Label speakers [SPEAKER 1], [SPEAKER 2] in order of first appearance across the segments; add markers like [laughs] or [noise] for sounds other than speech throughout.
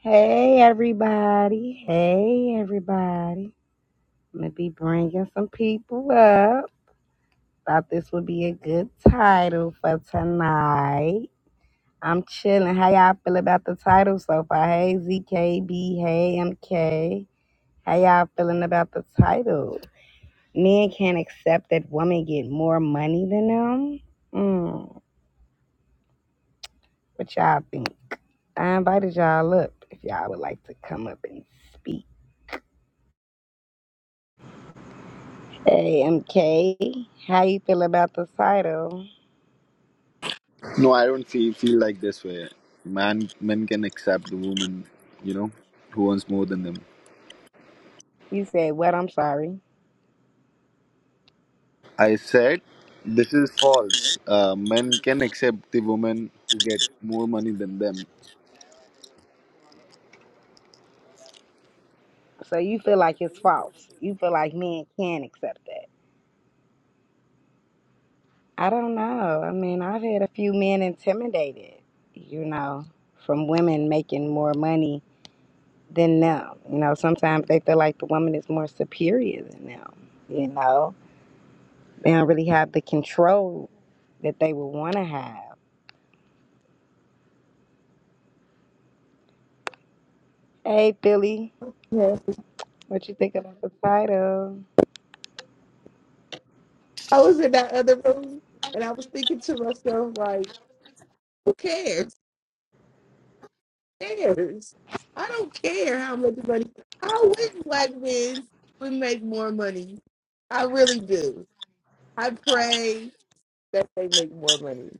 [SPEAKER 1] Hey everybody. Hey everybody. I'm gonna be bringing some people up. Thought this would be a good title for tonight. I'm chilling. How y'all feel about the title so far? Hey ZKB. Hey MK. How y'all feeling about the title? Men can't accept that women get more money than them. Mm, what y'all think? I invited y'all up if y'all would like to come up and speak. Hey, MK, how you feel about the title?
[SPEAKER 2] No, I don't feel feel like this way. Man, men can accept the woman, you know, who wants more than them.
[SPEAKER 1] You said what? I'm sorry.
[SPEAKER 2] I said this is false. Uh, men can accept the woman who get more money than them.
[SPEAKER 1] So you feel like it's false. You feel like men can accept that. I don't know. I mean, I've had a few men intimidated, you know, from women making more money than them. You know, sometimes they feel like the woman is more superior than them, you know. They don't really have the control that they would want to have. Hey, Billy,
[SPEAKER 3] Yes.
[SPEAKER 1] what you think about the title?
[SPEAKER 3] I was in that other room and I was thinking to myself, like, who cares? Who cares? I don't care how much money. I wish black men would make more money. I really do. I pray that they make more money.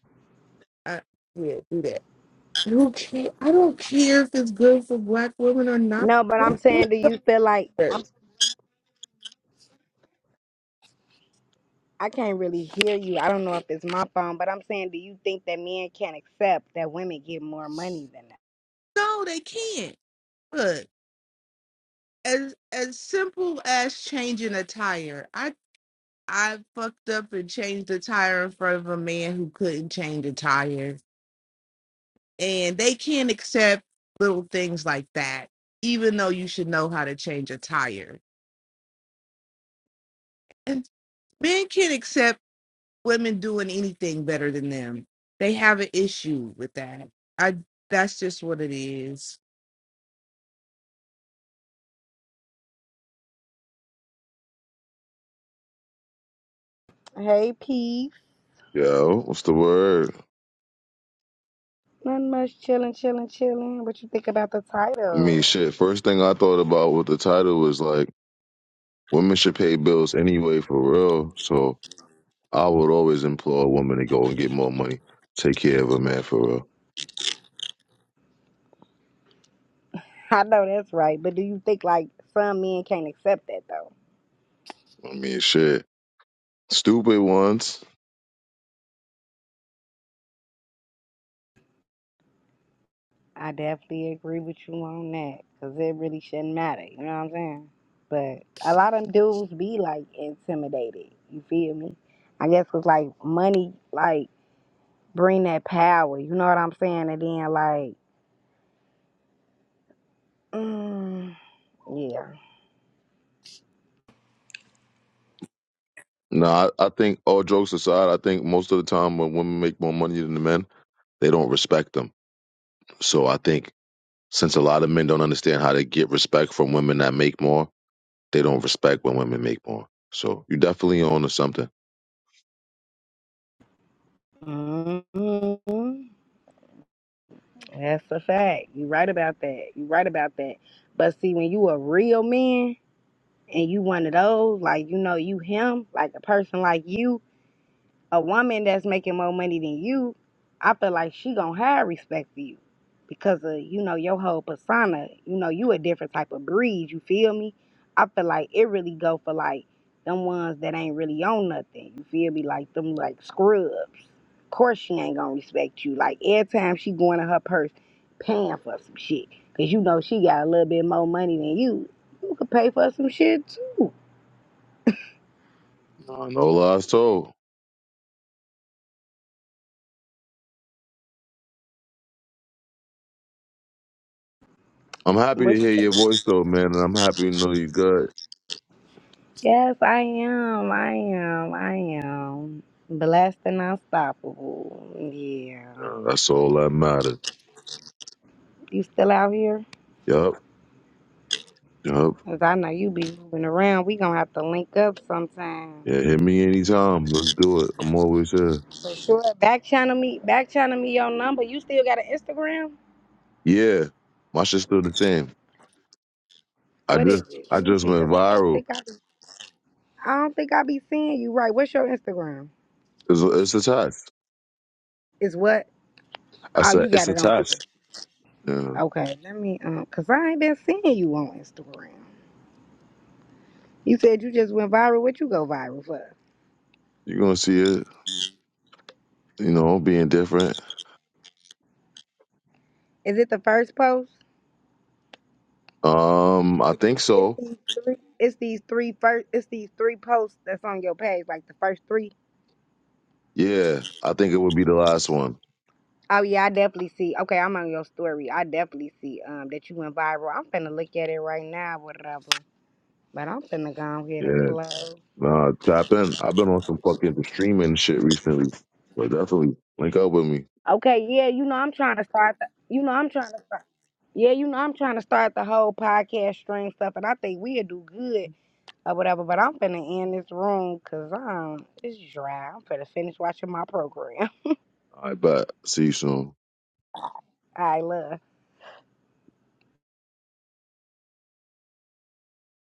[SPEAKER 3] I, yeah, do that. Who care? I don't care if it's good for black women or not.
[SPEAKER 1] No, but I'm
[SPEAKER 3] What-
[SPEAKER 1] saying,
[SPEAKER 3] what
[SPEAKER 1] do you feel like I'm?
[SPEAKER 3] cares?
[SPEAKER 1] I can't really hear you. I don't know if it's my phone, but I'm saying, do you think that men can't accept that women get more money than
[SPEAKER 3] No, they can't. Look, as as simple as changing attire. I I fucked up and changed a tire in front of a man who couldn't change a tire. And they can't accept little things like that, even though you should know how to change a tire. And men can't accept women doing anything better than them. They have an issue with that. I that's just what it is.
[SPEAKER 1] that? Hey, P.
[SPEAKER 4] Yo, what's the word?
[SPEAKER 1] Nothing much. Chilling, chilling, chilling. What you think about the
[SPEAKER 4] I mean,
[SPEAKER 1] title?
[SPEAKER 4] shit. First thing I thought about with the title was like, women should pay bills anyway, for real. So I would always implore a woman to go and get more money, take care of a man, for real.
[SPEAKER 1] I know that's right, but do you think like some men can't accept that though?
[SPEAKER 4] I mean, shit. Stupid ones.
[SPEAKER 1] I definitely agree with you on that because it really shouldn't matter. You know what I'm saying? But a lot of dudes be like intimidated. You feel me? I guess 'cause like money, like. bring that power. You know what I'm saying? And then like, mm, yeah,
[SPEAKER 4] Nah, I, I think all jokes aside, I think most of the time when women make more money than the men, they don't respect them. So I think since a lot of men don't understand how to get respect from women that make more, they don't respect when women make more. So you are definitely on to something.
[SPEAKER 1] hmm that's a fact. You right about that. You right about that. But see, when you a real man and you one of those, like you know, you him, like a person like you a woman that's making more money than you, I feel like she gonna have respect for you because of you know your whole persona. You know you a different type of breed. You feel me? I feel like it really go for like them ones that ain't really on nothing. You feel me? Like them like scrubs. Of course she ain't gonna respect you. Like every time she going in her purse paying for some shit, cause you know she got a little bit more money than you. You could pay for some shit too.
[SPEAKER 4] No, no lies told. I'm happy
[SPEAKER 1] What
[SPEAKER 4] to
[SPEAKER 1] you
[SPEAKER 4] hear
[SPEAKER 1] think?
[SPEAKER 4] your voice though, man, and I'm happy to know you good.
[SPEAKER 1] Yes, I am. I am. I am. Blessed and unstoppable. Yeah.
[SPEAKER 4] Uh, That's all that matters.
[SPEAKER 1] You still out here?
[SPEAKER 4] Yup, yup.
[SPEAKER 1] Because I know you be moving around. We gonna have to link up sometime.
[SPEAKER 4] Yeah, hit me anytime. Let's do it. I'm always here.
[SPEAKER 1] For sure. Back channel me. Back channel me your number. You still got an Instagram?
[SPEAKER 4] Yeah, my shit's still the same. I
[SPEAKER 1] What is
[SPEAKER 4] just,
[SPEAKER 1] it?
[SPEAKER 4] I
[SPEAKER 1] Let me
[SPEAKER 4] just
[SPEAKER 1] see.
[SPEAKER 4] went
[SPEAKER 1] Cause I don't
[SPEAKER 4] viral.
[SPEAKER 1] think I. Be, I don't think I be seeing you right. What's your Instagram?
[SPEAKER 4] It's, it's a test.
[SPEAKER 1] Is what?
[SPEAKER 4] I
[SPEAKER 1] Oh,
[SPEAKER 4] said
[SPEAKER 1] you
[SPEAKER 4] it's
[SPEAKER 1] got
[SPEAKER 4] a
[SPEAKER 1] it on. here.
[SPEAKER 4] test. Yeah,
[SPEAKER 1] Okay. Let me. Um. Cause I ain't been seeing you on Instagram. You said you just went viral. What you go viral for?
[SPEAKER 4] you're gonna see it. You know, being different.
[SPEAKER 1] Is it the first post?
[SPEAKER 4] Um, I think
[SPEAKER 1] It's
[SPEAKER 4] so.
[SPEAKER 1] these three. It's these three first. It's these three posts that's on your page, like the first three.
[SPEAKER 4] Yeah, I think it would be the last one.
[SPEAKER 1] Oh yeah, I definitely see. Okay, I'm on your story. I definitely see um that you went viral. I'm finna look at it right now, whatever. But I'm finna go ahead and
[SPEAKER 4] Yeah.
[SPEAKER 1] close.
[SPEAKER 4] Nah, tap in. I've been on some fucking streaming shit recently. But definitely link up with me.
[SPEAKER 1] Okay, yeah, you know I'm trying to start. The, you know I'm trying to start. Yeah, you know I'm trying to start the whole podcast stream stuff, and I think we'll do good or whatever. But I'm finna end this room because um it's dry. I'm finna finish watching my program.
[SPEAKER 4] I bet. See you soon.
[SPEAKER 1] [laughs] I love.